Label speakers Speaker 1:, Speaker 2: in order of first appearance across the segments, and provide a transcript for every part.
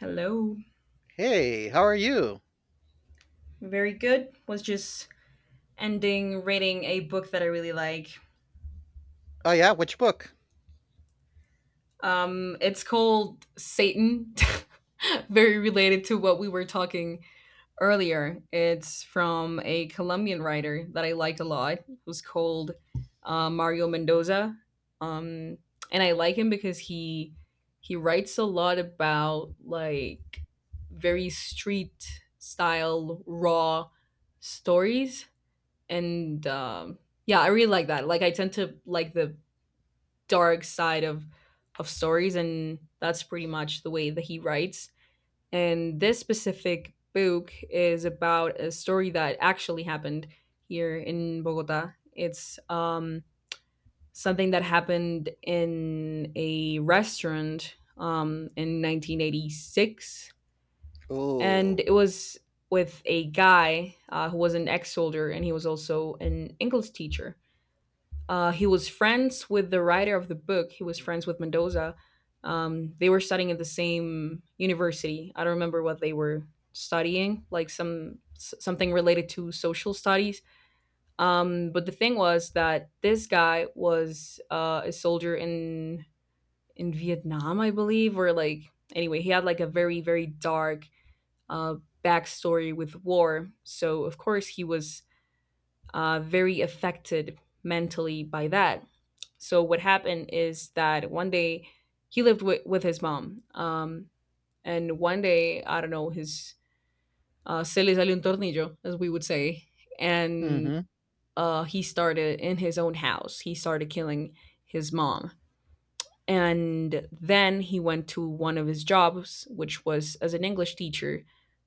Speaker 1: Hello.
Speaker 2: Hey, how are you?
Speaker 1: Very good. Was just ending reading a book that I really like.
Speaker 2: Oh yeah, which book?
Speaker 1: It's called Satan. Very related to what we were talking earlier. It's from a Colombian writer that I like a lot. It was called Mario Mendoza. Um, and I like him because he writes a lot about like very street style raw stories and yeah, I really like that. Like I tend to like the dark side of stories, and that's pretty much the way that he writes. And this specific book is about a story that actually happened here in Bogota. It's something that happened in a restaurant in 1986, and
Speaker 2: Oh.
Speaker 1: it was with a guy who was an ex soldier, and he was also an English teacher. He was friends with the writer of the book. He was friends with Mendoza. They were studying at the same university. I don't remember what they were studying, like something related to social studies. But the thing was that this guy was a soldier in Vietnam, I believe, or like anyway, he had like a very dark uh, backstory with war. So of course he was very affected mentally by that. So what happened is that one day he lived with his mom. And one day, I don't know, his se le salió un tornillo, as we would say. And
Speaker 2: Mm-hmm.
Speaker 1: uh, he started in his own house, he started killing his mom, and then he went to one of his jobs, which was as an English teacher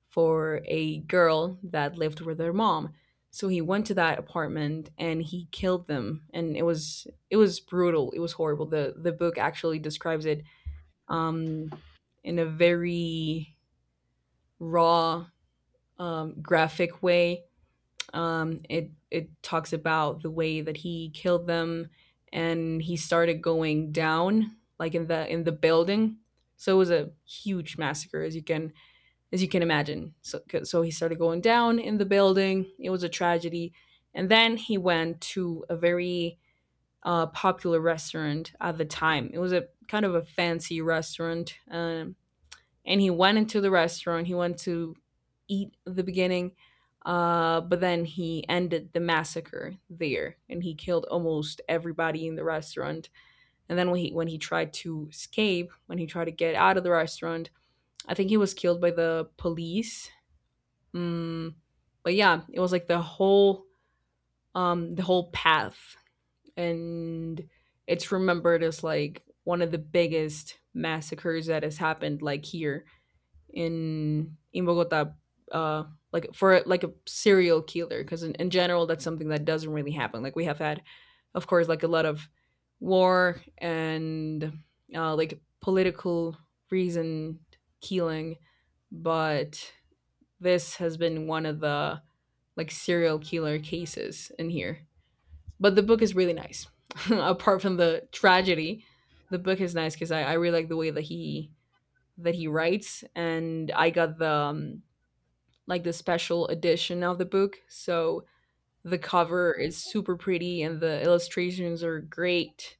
Speaker 1: for a girl that lived with her mom. So he went to that apartment and he killed them, and it was brutal. It was horrible. The book actually describes it um in a very raw, graphic way. It talks about the way that he killed them, and he started going down like in the building. So it was a huge massacre, as you can imagine. So he started going down in the building. It was a tragedy, and then he went to a very popular restaurant at the time. It was a kind of a fancy restaurant. And he went into the restaurant. He went to eat at the beginning, but then he ended the massacre there, and he killed almost everybody in the restaurant. And then when he tried to escape, when he tried to get out of the restaurant, I think he was killed by the police. Mm, but yeah, it was like the whole path, and it's remembered as like one of the biggest massacres that has happened like here in Bogota, uh, like for like a serial killer, because in general that's something that doesn't really happen. Like we have had, of course, like a lot of war and like political reason killing, but this has been one of the like serial killer cases in here. But the book is really nice. Apart from the tragedy, the book is nice because I really like the way that he writes, and I got the like the special edition of the book. So the cover is super pretty, and the illustrations are great.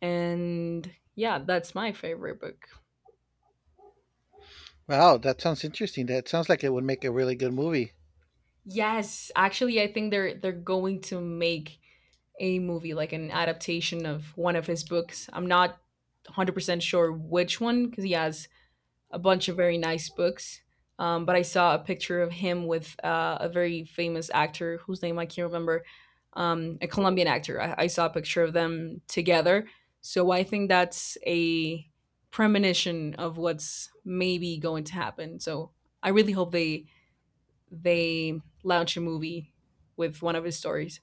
Speaker 1: And yeah, that's my favorite book.
Speaker 2: Wow, that sounds interesting. That sounds like it would make a really good movie.
Speaker 1: Yes, actually, I think they're going to make a movie, like an adaptation of one of his books. I'm not 100% sure which one because he has a bunch of very nice books. But I saw a picture of him with a very famous actor whose name I can't remember, a Colombian actor. I saw a picture of them together. So I think that's a premonition of what's maybe going to happen. So I really hope they launch a movie with one of his stories.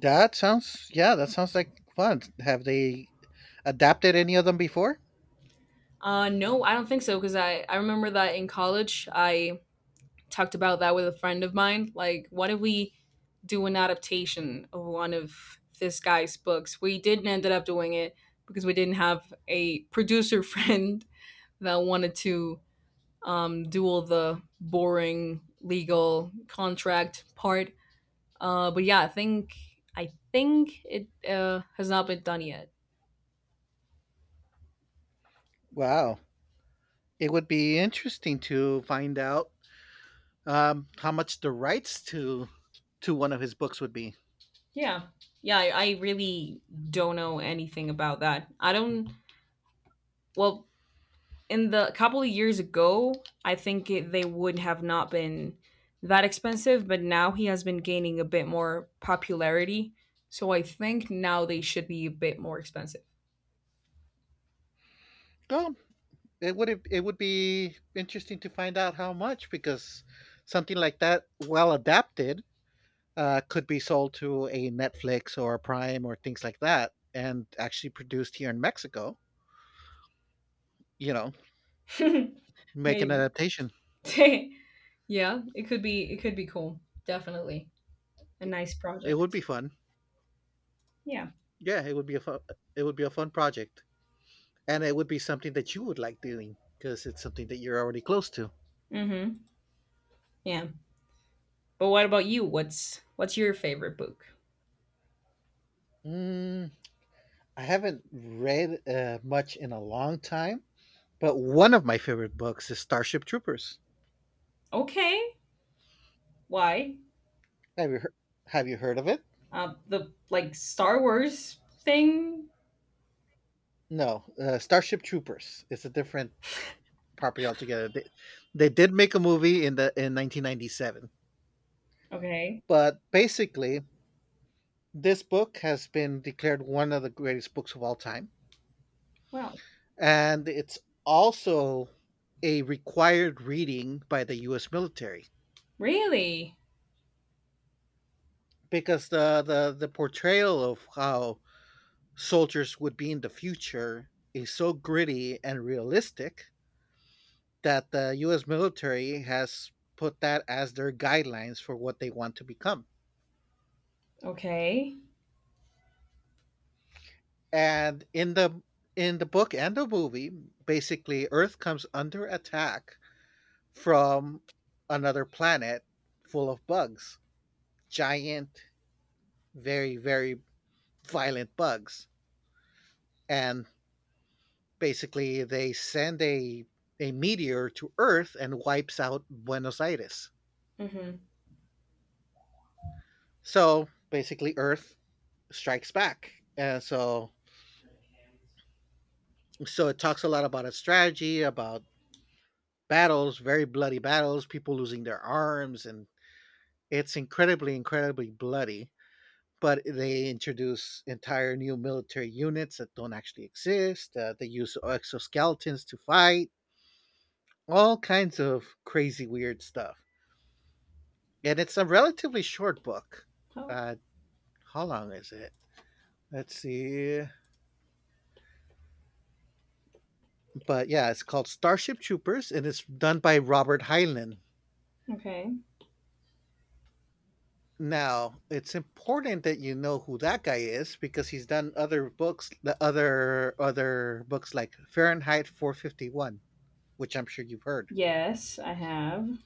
Speaker 2: That sounds yeah, that sounds like fun. Have they adapted any of them before?
Speaker 1: No, I don't think so because I remember that in college I talked about that with a friend of mine. Like, what if we do an adaptation of one of this guy's books? We didn't ended up doing it because we didn't have a producer friend that wanted to do all the boring legal contract part. But yeah, I think it has not been done yet.
Speaker 2: Wow. It would be interesting to find out how much the rights to one of his books would be.
Speaker 1: Yeah, yeah, I really don't know anything about that. I don't. Well, in the couple of years ago, I think they would have not been that expensive, but now he has been gaining a bit more popularity. So I think now they should be a bit more expensive.
Speaker 2: Well, it would be interesting to find out how much because something like that well adapted could be sold to a Netflix or a Prime or things like that, and actually produced here in Mexico. You know, make an
Speaker 1: Maybe.
Speaker 2: adaptation.
Speaker 1: Yeah, it could be cool. Definitely. A
Speaker 2: It
Speaker 1: nice
Speaker 2: it would be
Speaker 1: project.
Speaker 2: fun.
Speaker 1: Yeah.
Speaker 2: Yeah, It would be a fun project, and it would be something that you would like doing because it's something that you're already close to.
Speaker 1: Mhm. Yeah. But what about you? What's your favorite book?
Speaker 2: Mm, I haven't read much in a long time, but one of my favorite books is Starship Troopers.
Speaker 1: Okay. Why?
Speaker 2: Have you heard? Have you heard of it?
Speaker 1: The like Star Wars thing?
Speaker 2: No, Starship Troopers. It's a different property altogether. They did make a movie in 1997,
Speaker 1: Okay.
Speaker 2: but basically this book has been declared one of the greatest books of all time,
Speaker 1: Well,
Speaker 2: and it's also a required reading by the U.S. military
Speaker 1: really?
Speaker 2: because the portrayal of how soldiers would be in the future is so gritty and realistic that the U.S. military has put that as their guidelines for what they want to become.
Speaker 1: Okay.
Speaker 2: And in the book and the movie, basically Earth comes under attack from another planet full of bugs. Giant, very, very violent bugs. And basically they send a meteor to Earth and wipes out Buenos Aires.
Speaker 1: Mm-hmm.
Speaker 2: So basically Earth strikes back. And so it talks a lot about a strategy, about battles, very bloody battles, people losing their arms, and it's incredibly, incredibly bloody, but they introduce entire new military units that don't actually exist. They use exoskeletons to fight, all kinds of crazy, weird stuff. And it's a relatively short book.
Speaker 1: Oh,
Speaker 2: Uh, how long is it? Let's see. But yeah, it's called Starship Troopers and it's done by Robert Heinlein.
Speaker 1: okay.
Speaker 2: Now, it's important that you know who that guy is because he's done other books, the other books like Fahrenheit 451, which I'm sure you've heard.
Speaker 1: Yes, I have.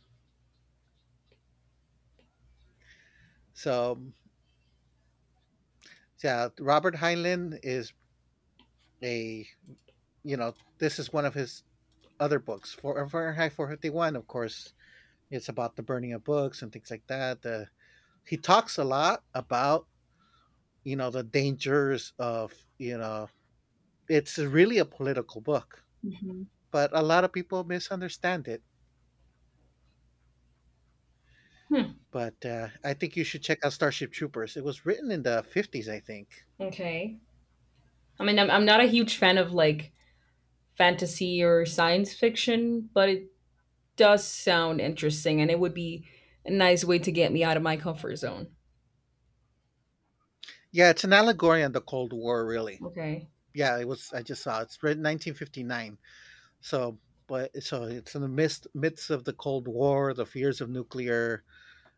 Speaker 2: So, yeah, Robert Heinlein is a, you know, this is one of his other books. For Fahrenheit 451, of course, it's about the burning of books and things like that. He talks a lot about the dangers it's really a political book,
Speaker 1: Hmm.
Speaker 2: but a lot of people misunderstand it.
Speaker 1: Hmm.
Speaker 2: But, I think you should check out Starship Troopers. It was written in the '50s, I think.
Speaker 1: Okay. I mean, I'm not a huge fan of like fantasy or science fiction, but it does sound interesting and it would be a nice way to get me out of my comfort zone.
Speaker 2: Yeah, it's an allegory on the Cold War, really.
Speaker 1: Okay.
Speaker 2: Yeah, it was I just saw it. It's written 1959. So, but it's in the midst of the Cold War, the fears of nuclear,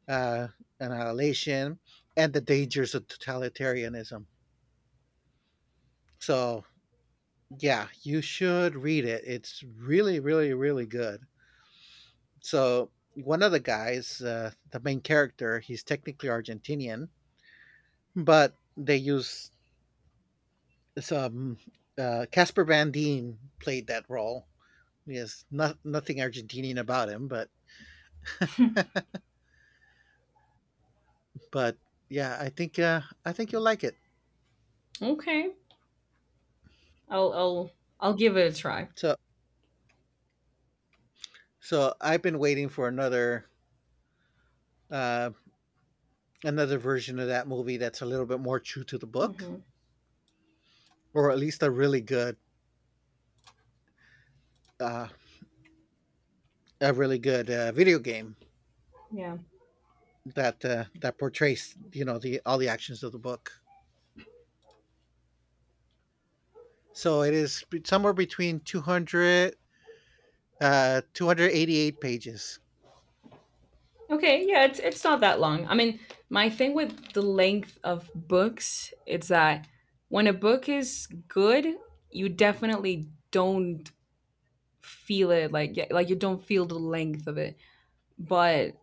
Speaker 2: uh, annihilation, and the dangers of totalitarianism. So, yeah, you should read it. It's really, really, really good. So, one of the guys, the main character, he's technically Argentinian, but they use some Casper Van Dien played that role. Yes, not nothing Argentinian about him, but but yeah, I think you'll like it.
Speaker 1: Okay. I'll I'll I'll give it a try.
Speaker 2: So so I've been waiting for another uh, another version of that movie that's a little bit more true to the book,
Speaker 1: Hmm.
Speaker 2: or at least uh, a really good video game
Speaker 1: Yeah.
Speaker 2: that portrays you know the all the actions of the book. So it is somewhere between 200 288 pages.
Speaker 1: Okay, yeah, it's not that long. I mean, my thing with the length of books is that when a book is good, you definitely don't feel it like yeah, like you don't feel the length of it. But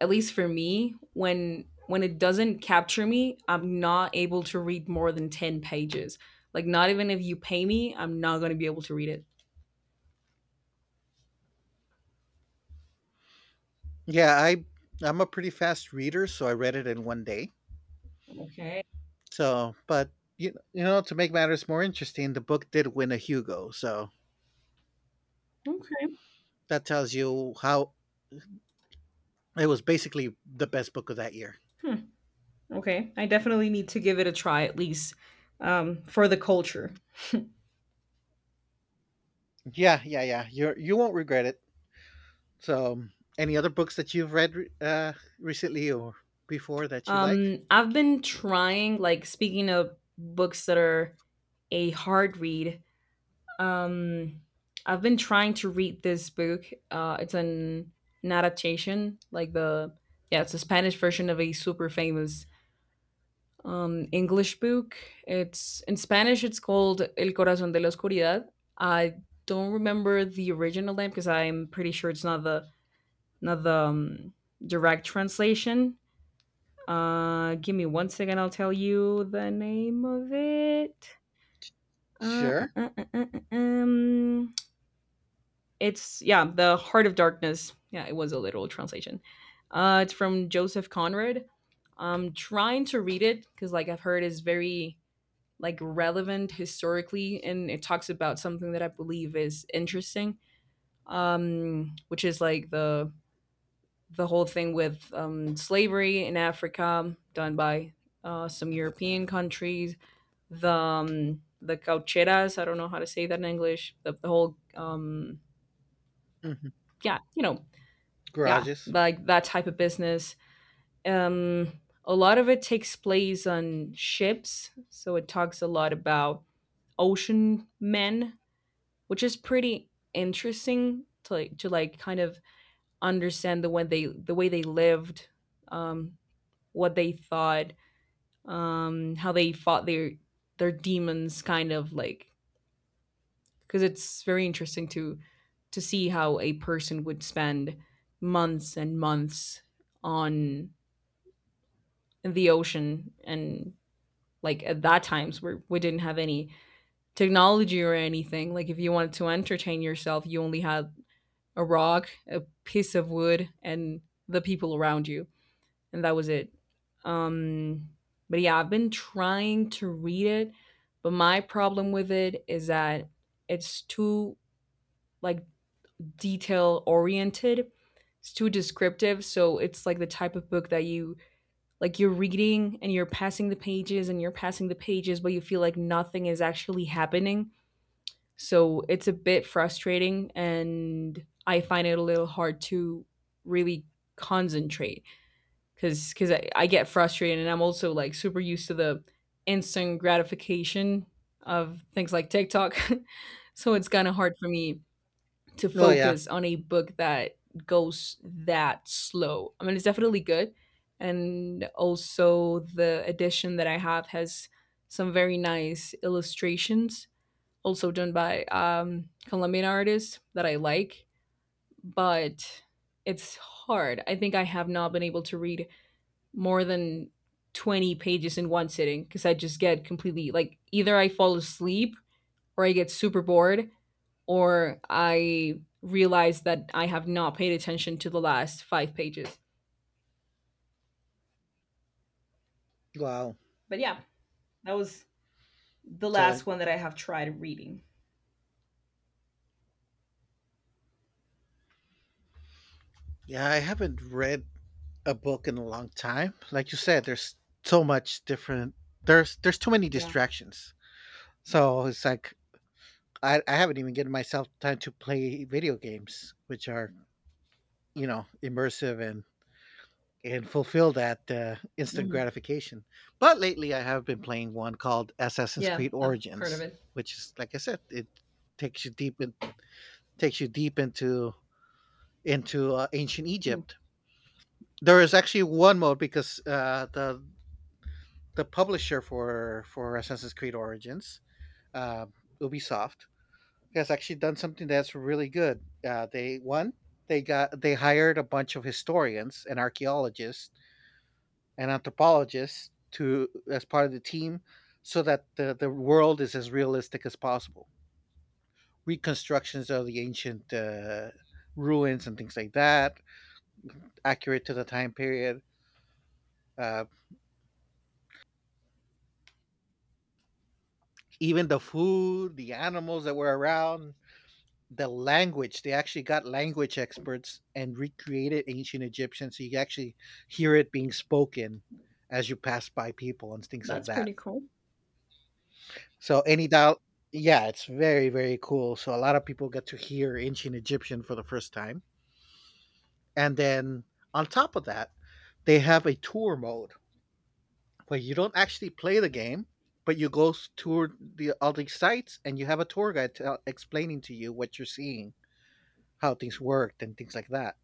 Speaker 1: at least for me, when it doesn't capture me, I'm not able to read more than 10 pages. Like not even if you pay me, I'm not going to be able to read it.
Speaker 2: Yeah, I'm a pretty fast reader, so I read it in one day.
Speaker 1: Okay.
Speaker 2: So, but to make matters more interesting, the book did win a Hugo, so
Speaker 1: Okay.
Speaker 2: that tells you how it was basically the best book of that year.
Speaker 1: Hmm. Okay. I definitely need to give it a try at least for the culture.
Speaker 2: Yeah, yeah, yeah. You won't regret it. So, any other books that you've read recently or before that you like?
Speaker 1: I've been trying, like, speaking of books that are a hard read, um, I've been trying to read this book. It's an adaptation, like yeah, it's a Spanish version of a super famous English book. It's in Spanish, it's called El Corazón de la Oscuridad. I don't remember the original name because I'm pretty sure it's not the direct translation, give me one second. I'll tell you the name of it. Uh, uh,
Speaker 2: Sure.
Speaker 1: uh, uh, uh, uh, um, it's yeah, the Heart of Darkness. Yeah, it was a literal translation. It's from Joseph Conrad. I'm trying to read it because, like, I've heard is very like relevant historically, and it talks about something that I believe is interesting, which is like the whole thing with slavery in Africa done by some European countries, the caucheras. I don't know how to say that in English. The whole
Speaker 2: Hmm.
Speaker 1: yeah, you know, yeah,
Speaker 2: Garages.
Speaker 1: like that type of business. A lot of it takes place on ships, so it talks a lot about ocean men, which is pretty interesting to like kind of understand the way they lived, um, what they thought, how they fought their demons, kind of like because it's very interesting to see how a person would spend months and months on the ocean and like at that times where we didn't have any technology or anything, like if you wanted to entertain yourself you only had a rock, a piece of wood and the people around you, and that was it. um but yeah, I've been trying to read it, but my problem with it is that it's too like detail oriented. It's too descriptive, so it's like the type of book that you like you're reading and you're passing the pages and you're passing the pages but you feel like nothing is actually happening. So it's a bit frustrating and I find it a little hard to really concentrate because I get frustrated and I'm also like super used to the instant gratification of things like TikTok. So it's kind of hard for me to
Speaker 2: Oh yeah.
Speaker 1: focus on a book that goes that slow. I mean, it's definitely good. And also, the edition that I have has some very nice illustrations, also done by Colombian artists that I like. But it's hard. I think I have not been able to read more than 20 pages in one sitting because I just get completely like either I fall asleep or I get super bored or I realize that I have not paid attention to the last 5 pages.
Speaker 2: Wow.
Speaker 1: But yeah, that was the
Speaker 2: So
Speaker 1: last one that I have tried reading.
Speaker 2: yeah, I haven't read a book in a long time. Like you said, there's so much different. There's too many
Speaker 1: Yeah.
Speaker 2: distractions. So it's like I haven't even given myself time to play video games, which are immersive and fulfill that instant
Speaker 1: Mm-hmm.
Speaker 2: gratification. But lately, I have been playing one called Assassin's
Speaker 1: Yeah,
Speaker 2: Creed
Speaker 1: I've heard of
Speaker 2: Origins,
Speaker 1: it.
Speaker 2: which is like I said, it takes you deep in, takes you deep into ancient
Speaker 1: Hmm.
Speaker 2: Egypt. There is actually one mode because the publisher for Assassin's Creed Origins, uh, Ubisoft, has actually done something that's really good. They one they got they hired a bunch of historians and archaeologists and anthropologists to as part of the team, so that the world is as realistic as possible. Reconstructions of the ancient ruins and things like that, accurate to the time period. Uh, Even the food, the animals that were around, the language, they actually got language experts and recreated ancient Egyptian, so you actually hear it being spoken as you pass by people and things like
Speaker 1: That's
Speaker 2: that.
Speaker 1: pretty cool.
Speaker 2: So any dial yeah, it's very, very cool. So a lot of people get to hear ancient Egyptian for the first time. And then on top of that, they have a tour mode where you don't actually play the game, but you go tour the all these sites and you have a tour guide tell explaining to you what you're seeing, how things worked and things like that.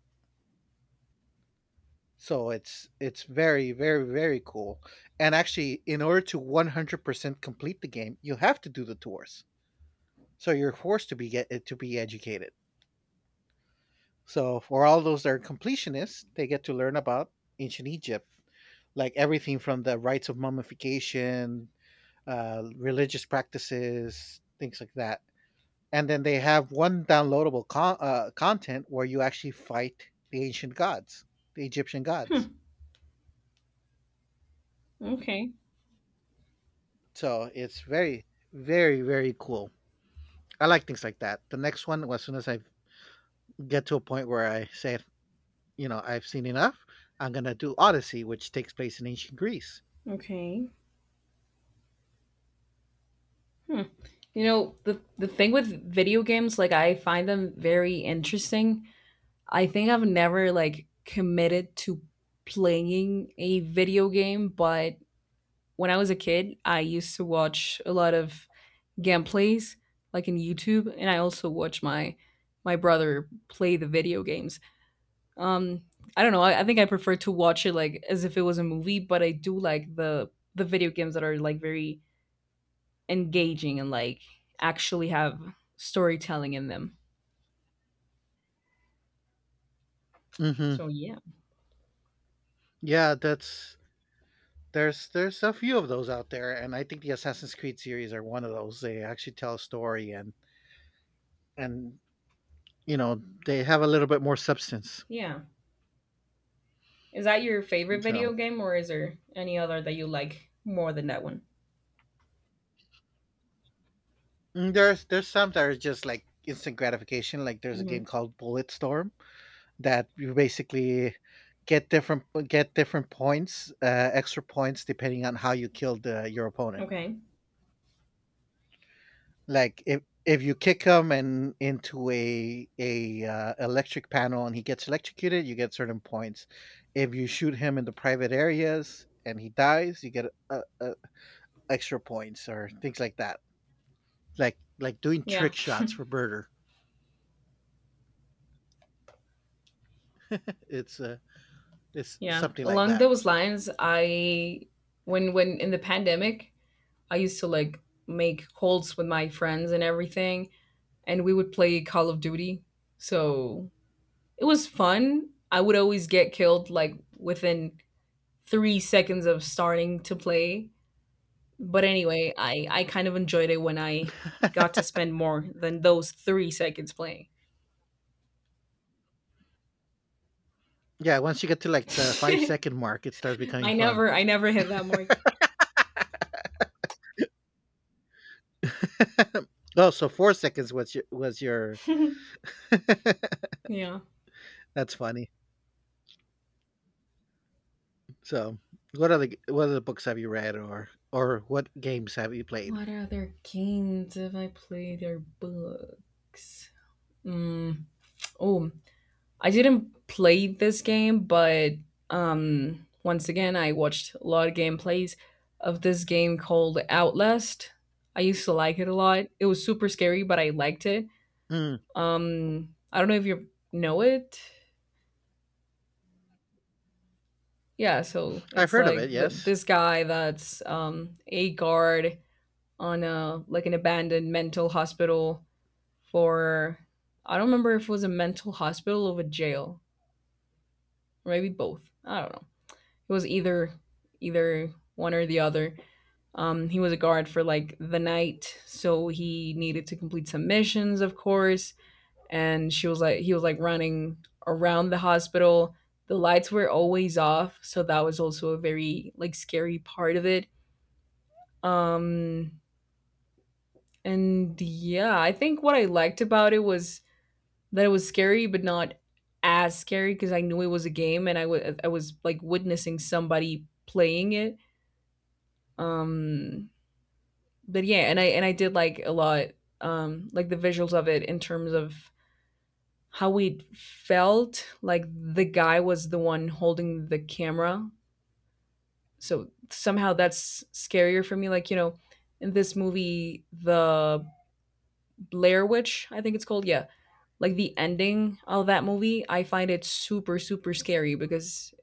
Speaker 2: So it's very, very, very cool. And actually, in order to 100% complete the game, you have to do the tours. So you're forced to be educated. So for all those that are completionists, they get to learn about ancient Egypt, like everything from the rites of mummification, religious practices, things like that. And then they have one downloadable content where you actually fight the ancient gods, the Egyptian gods.
Speaker 1: Okay.
Speaker 2: So it's very, very, very cool. I like things like that. The next one, well, as soon as I get to a point where I say, I've seen enough, I'm gonna do Odyssey, which takes place in ancient Greece.
Speaker 1: Okay. Hmm. You know, the thing with video games, like I find them very interesting. I think I've never like committed to playing a video game, but when I was a kid, I used to watch a lot of gameplays like in YouTube, and I also watch my brother play the video games. Um, I don't know. I think I prefer to watch it like as if it was a movie, but I do like the video games that are like very engaging and like actually have storytelling in them.
Speaker 2: Hmm.
Speaker 1: So yeah,
Speaker 2: Yeah, that's there's a few of those out there, and I think the Assassin's Creed series are one of those. They actually tell a story, and they have a little bit more substance.
Speaker 1: yeah. Is that your favorite
Speaker 2: So
Speaker 1: video game, or is there any other that you like more than that one?
Speaker 2: there's some that are just like instant gratification. Like there's a
Speaker 1: Hmm.
Speaker 2: game called Bulletstorm that you basically get different get different points, uh, extra points depending on how you kill your opponent.
Speaker 1: Okay.
Speaker 2: Like if you kick him and into a electric panel and he gets electrocuted, you get certain points. If you shoot him in the private areas and he dies, you get extra points or things like that. Like doing
Speaker 1: Yeah,
Speaker 2: trick shots for murder. it's uh, it's
Speaker 1: yeah.
Speaker 2: something like
Speaker 1: Along
Speaker 2: that.
Speaker 1: those lines, I when in the pandemic, I used to like make calls with my friends and everything, and we would play Call of Duty. So it was fun. I would always get killed like within 3 seconds of starting to play. But anyway, I kind of enjoyed it when I got to spend more than those 3 seconds playing.
Speaker 2: Yeah, once you get to like the five second mark, it starts becoming
Speaker 1: I
Speaker 2: fun.
Speaker 1: never I never hit that mark.
Speaker 2: Oh, so 4 seconds was your.
Speaker 1: Yeah.
Speaker 2: That's funny. So, what other books have you read, or what games have you played?
Speaker 1: What other games have I played or books? Mm, oh, I didn't play this game, but once again, I watched a lot of gameplays of this game called Outlast. I used to like it a lot. It was super scary, but I liked it.
Speaker 2: Mm,
Speaker 1: I don't know if you know it. Yeah, so
Speaker 2: I've
Speaker 1: it's
Speaker 2: heard of it.
Speaker 1: like
Speaker 2: Yes.
Speaker 1: this guy that's a guard on a like an abandoned mental hospital for I don't remember if it was a mental hospital or a jail, or maybe both. I don't know. It was either either one or the other. He was a guard for like the night, so he needed to complete some missions, of course. And she was like, he was like running around the hospital. The lights were always off, so that was also a very like scary part of it. Um, and yeah, I think what I liked about it was that it was scary, but not as scary because I knew it was a game and I was like witnessing somebody playing it. Um, but yeah, and I did like a lot, like the visuals of it in terms of how it felt. Like the guy was the one holding the camera, so somehow that's scarier for me. Like you know, in this movie, the Blair Witch, I think it's called, yeah, like the ending of that movie, I find it super super scary because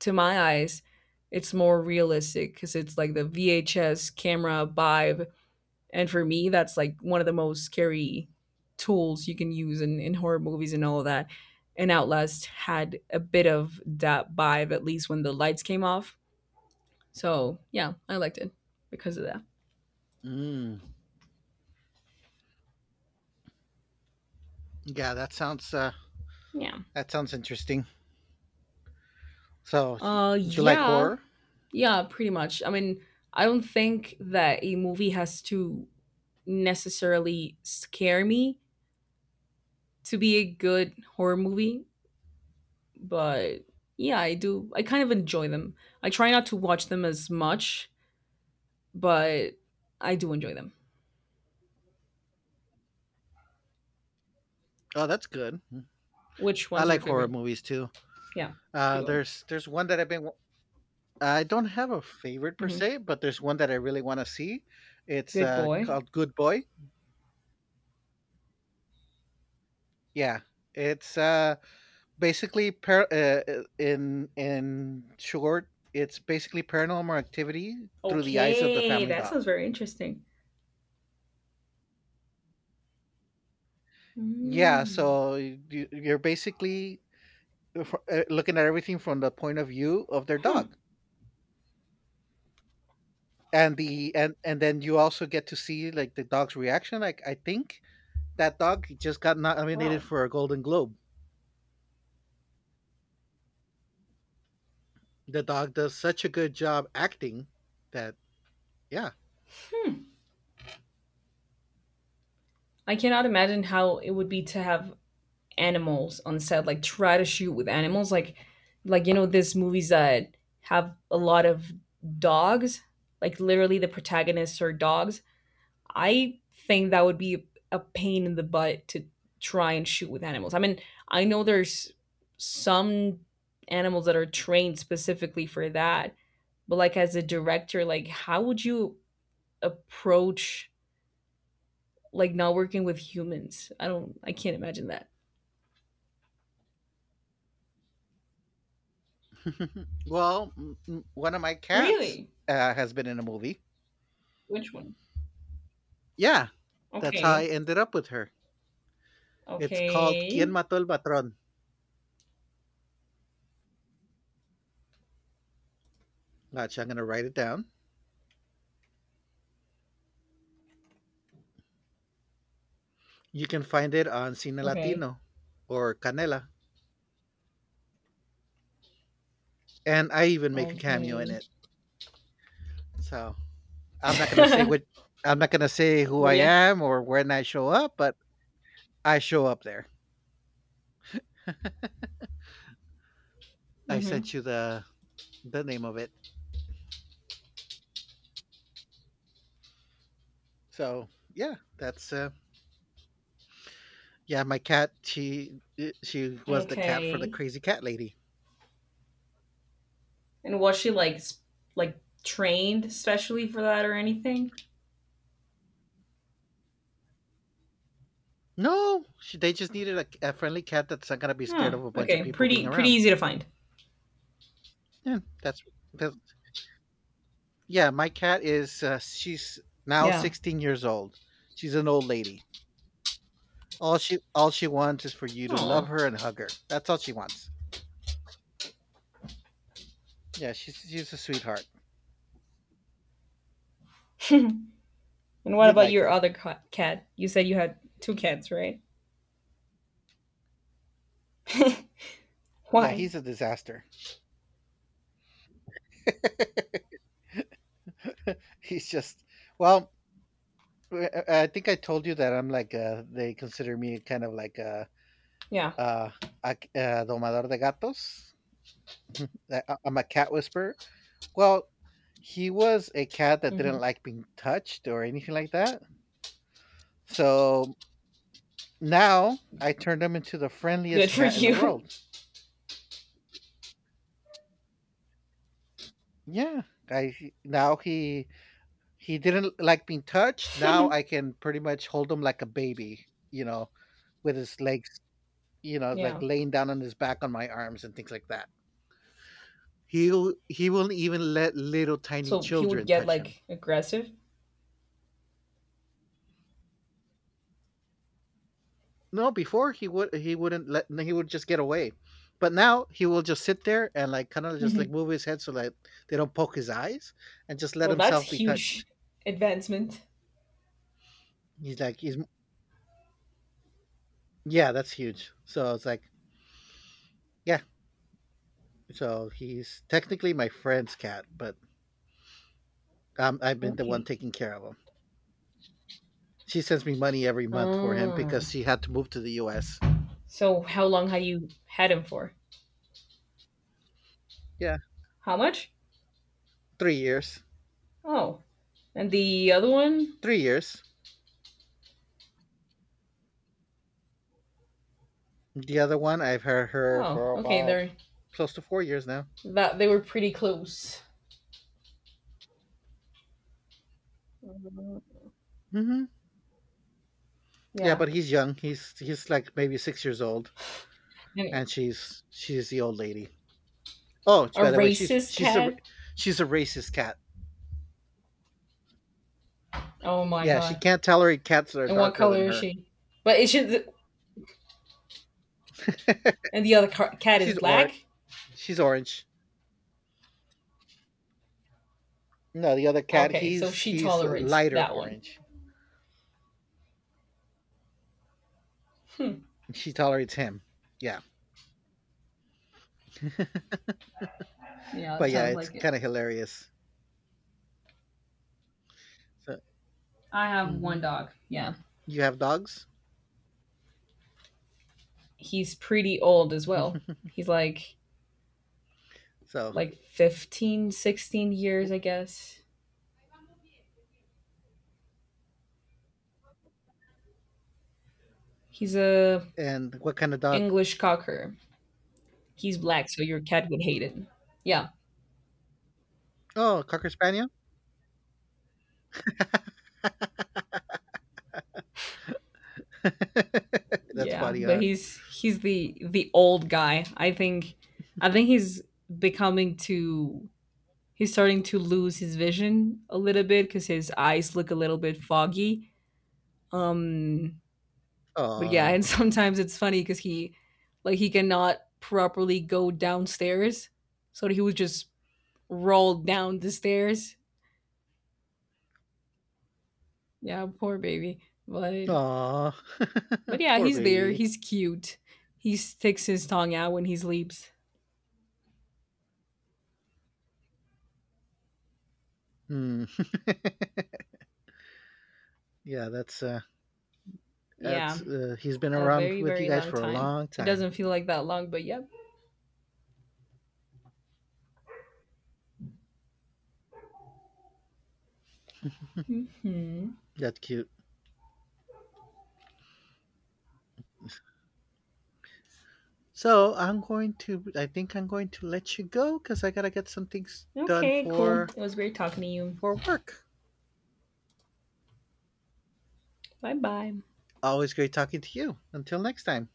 Speaker 1: to my eyes, it's more realistic because it's like the VHS camera vibe. And for me, that's like one of the most scary tools you can use in horror movies and all of that. And Outlast had a bit of that vibe, at least when the lights came off. So yeah, I liked it because of that.
Speaker 2: Mm, yeah, that sounds uh,
Speaker 1: Yeah.
Speaker 2: that sounds interesting. So, do you like
Speaker 1: Yeah.
Speaker 2: horror?
Speaker 1: Yeah, pretty much. I mean, I don't think that a movie has to necessarily scare me to be a good horror movie, but yeah, I do. I kind of enjoy them. I try not to watch them as much, but I do enjoy them.
Speaker 2: Oh, that's good.
Speaker 1: Which
Speaker 2: I
Speaker 1: one's your
Speaker 2: like horror
Speaker 1: favorite?
Speaker 2: movies too.
Speaker 1: Yeah, keep going.
Speaker 2: There's one that I've been. I don't have a favorite per
Speaker 1: Mm-hmm.
Speaker 2: se, but there's one that I really want to see. It's
Speaker 1: Good Boy.
Speaker 2: called Good Boy. Yeah, it's basically in short it's basically paranormal activity through the eyes of the
Speaker 1: Okay,
Speaker 2: family
Speaker 1: that
Speaker 2: dog.
Speaker 1: sounds very interesting.
Speaker 2: Yeah,
Speaker 1: Mm.
Speaker 2: so you're basically looking at everything from the point of view of their
Speaker 1: Hmm.
Speaker 2: dog, and then you also get to see like the dog's reaction. Like, I think that dog just got nominated
Speaker 1: Wow.
Speaker 2: for a Golden Globe. The dog does such a good job acting that. Yeah.
Speaker 1: I cannot imagine how it would be to have animals on set, like try to shoot with animals, like you know, these movies that have a lot of dogs, like literally the protagonists are dogs. I think that would be a pain in the butt to try and shoot with animals. I mean, I know there's some animals that are trained specifically for that, but like as a director, like how would you approach like not working with humans? I can't imagine that.
Speaker 2: Well, one of my cats
Speaker 1: Really?
Speaker 2: has been in a movie.
Speaker 1: Which one?
Speaker 2: Yeah, that's how I
Speaker 1: Okay.
Speaker 2: ended up with her. It's called Quien
Speaker 1: Okay.
Speaker 2: Mató el Patrón. Gotcha, I'm going to write it down. You can find it on Cine
Speaker 1: Okay.
Speaker 2: Latino or Canela. And I even make a cameo in
Speaker 1: Okay.
Speaker 2: it. So I'm not going to say
Speaker 1: But
Speaker 2: what, I'm not going to say who I
Speaker 1: yeah.
Speaker 2: am or when I show up, but I show up there. I
Speaker 1: Mm-hmm.
Speaker 2: sent you the name of it. So yeah, that's yeah. My cat, she was the cat for the
Speaker 1: Okay.
Speaker 2: crazy cat lady.
Speaker 1: And was she like trained especially for that or anything?
Speaker 2: No, they just needed a friendly cat that's not gonna be scared
Speaker 1: Huh.
Speaker 2: of a bunch of
Speaker 1: Okay.
Speaker 2: people being
Speaker 1: Pretty pretty
Speaker 2: around.
Speaker 1: easy to find.
Speaker 2: Yeah, that's yeah. My cat is she's now
Speaker 1: Yeah.
Speaker 2: 16 years old. She's an old lady. All she wants is for you to love
Speaker 1: Oh.
Speaker 2: her and hug her. That's all she wants. Yeah, she's a sweetheart.
Speaker 1: And what
Speaker 2: You'd
Speaker 1: about
Speaker 2: like
Speaker 1: your
Speaker 2: her.
Speaker 1: other cat? You said you had two cats, right?
Speaker 2: Yeah,
Speaker 1: Why?
Speaker 2: he's a disaster. He's just well. I think I told you that I'm like they consider me kind of like
Speaker 1: Yeah.
Speaker 2: uh, a domador de gatos. That I'm a cat whisperer. Well, he was a cat that
Speaker 1: Hmm.
Speaker 2: didn't like being touched or anything like that. So now I turned him into the
Speaker 1: Good
Speaker 2: friendliest
Speaker 1: for
Speaker 2: cat in the
Speaker 1: you.
Speaker 2: world. Yeah, now he didn't like being touched. Now I can pretty much hold him like a baby, with his legs, like
Speaker 1: Yeah.
Speaker 2: laying down on his back on my arms and things like that. He will not even let little tiny
Speaker 1: So he would
Speaker 2: children
Speaker 1: get
Speaker 2: touch him.
Speaker 1: like aggressive.
Speaker 2: No, before he would he wouldn't let he would just get away, but now he will just sit there and like kind of just like
Speaker 1: Mhm.
Speaker 2: move his head so like they don't poke his eyes and just let
Speaker 1: Well, that's
Speaker 2: himself be touched.
Speaker 1: huge advancement.
Speaker 2: He's like he's Yeah, that's huge. So it's like yeah, so he's technically my friend's cat, but I've been the one
Speaker 1: Okay.
Speaker 2: taking care of him. She sends me money every month for him
Speaker 1: Ah.
Speaker 2: because she had to move to the U.S.
Speaker 1: So how long have you had him for?
Speaker 2: Yeah,
Speaker 1: How much?
Speaker 2: 3 years,
Speaker 1: Oh. And the other one?
Speaker 2: 3 years. The other one I've had her
Speaker 1: Oh,
Speaker 2: for
Speaker 1: okay.
Speaker 2: about
Speaker 1: They're
Speaker 2: close to 4 years now.
Speaker 1: that they were pretty close. Mm-hmm.
Speaker 2: Hmm. Yeah,
Speaker 1: Yeah.
Speaker 2: but he's young. He's like maybe 6 years old,
Speaker 1: And
Speaker 2: and she's the old lady. Oh,
Speaker 1: a
Speaker 2: by the way,
Speaker 1: racist cat.
Speaker 2: she's a racist cat.
Speaker 1: Oh my
Speaker 2: Yeah, she
Speaker 1: god.
Speaker 2: can't tolerate cats that are
Speaker 1: And what
Speaker 2: darker than
Speaker 1: color is
Speaker 2: her.
Speaker 1: she? But it should. And the other cat is
Speaker 2: She's orange.
Speaker 1: black.
Speaker 2: She's orange. No, the other cat,
Speaker 1: Okay, so
Speaker 2: he's
Speaker 1: she
Speaker 2: he's
Speaker 1: tolerates
Speaker 2: lighter
Speaker 1: that one.
Speaker 2: orange.
Speaker 1: Hmm.
Speaker 2: She tolerates him. Yeah,
Speaker 1: Yeah,
Speaker 2: but
Speaker 1: it
Speaker 2: yeah,
Speaker 1: sounds
Speaker 2: it's
Speaker 1: like it.
Speaker 2: kind of hilarious. So,
Speaker 1: I have one
Speaker 2: hmm
Speaker 1: dog. Yeah.
Speaker 2: you have dogs.
Speaker 1: He's pretty old as well. He's
Speaker 2: So,
Speaker 1: like 15, 16
Speaker 2: w-
Speaker 1: years, I guess. He's a
Speaker 2: and what kind of dog?
Speaker 1: English cocker. He's black, so your cat would hate it. Yeah.
Speaker 2: Oh, cocker spaniel. That's
Speaker 1: Yeah,
Speaker 2: funny,
Speaker 1: but
Speaker 2: huh?
Speaker 1: he's he's the old guy. I think he's becoming to he's starting to lose his vision a little bit because his eyes look a little bit foggy. Um, but yeah,
Speaker 2: Oh.
Speaker 1: and sometimes it's funny because he like he cannot properly go downstairs, so he would just roll down the stairs. Yeah, poor baby. But
Speaker 2: Aw,
Speaker 1: but yeah,
Speaker 2: poor
Speaker 1: he's there.
Speaker 2: baby.
Speaker 1: He's cute. He sticks his tongue out when he sleeps.
Speaker 2: Hmm. Yeah,
Speaker 1: Yeah.
Speaker 2: that's he's been
Speaker 1: A
Speaker 2: around
Speaker 1: very,
Speaker 2: with you
Speaker 1: very
Speaker 2: guys
Speaker 1: long
Speaker 2: for a
Speaker 1: time.
Speaker 2: long
Speaker 1: It
Speaker 2: time.
Speaker 1: doesn't feel like that long, but yep. Hmm.
Speaker 2: That's cute. I think I'm going to let you go because I gotta get some things done
Speaker 1: Okay, cool.
Speaker 2: for
Speaker 1: It was great talking to you.
Speaker 2: for work.
Speaker 1: Bye bye.
Speaker 2: Always great talking to you. Until next time.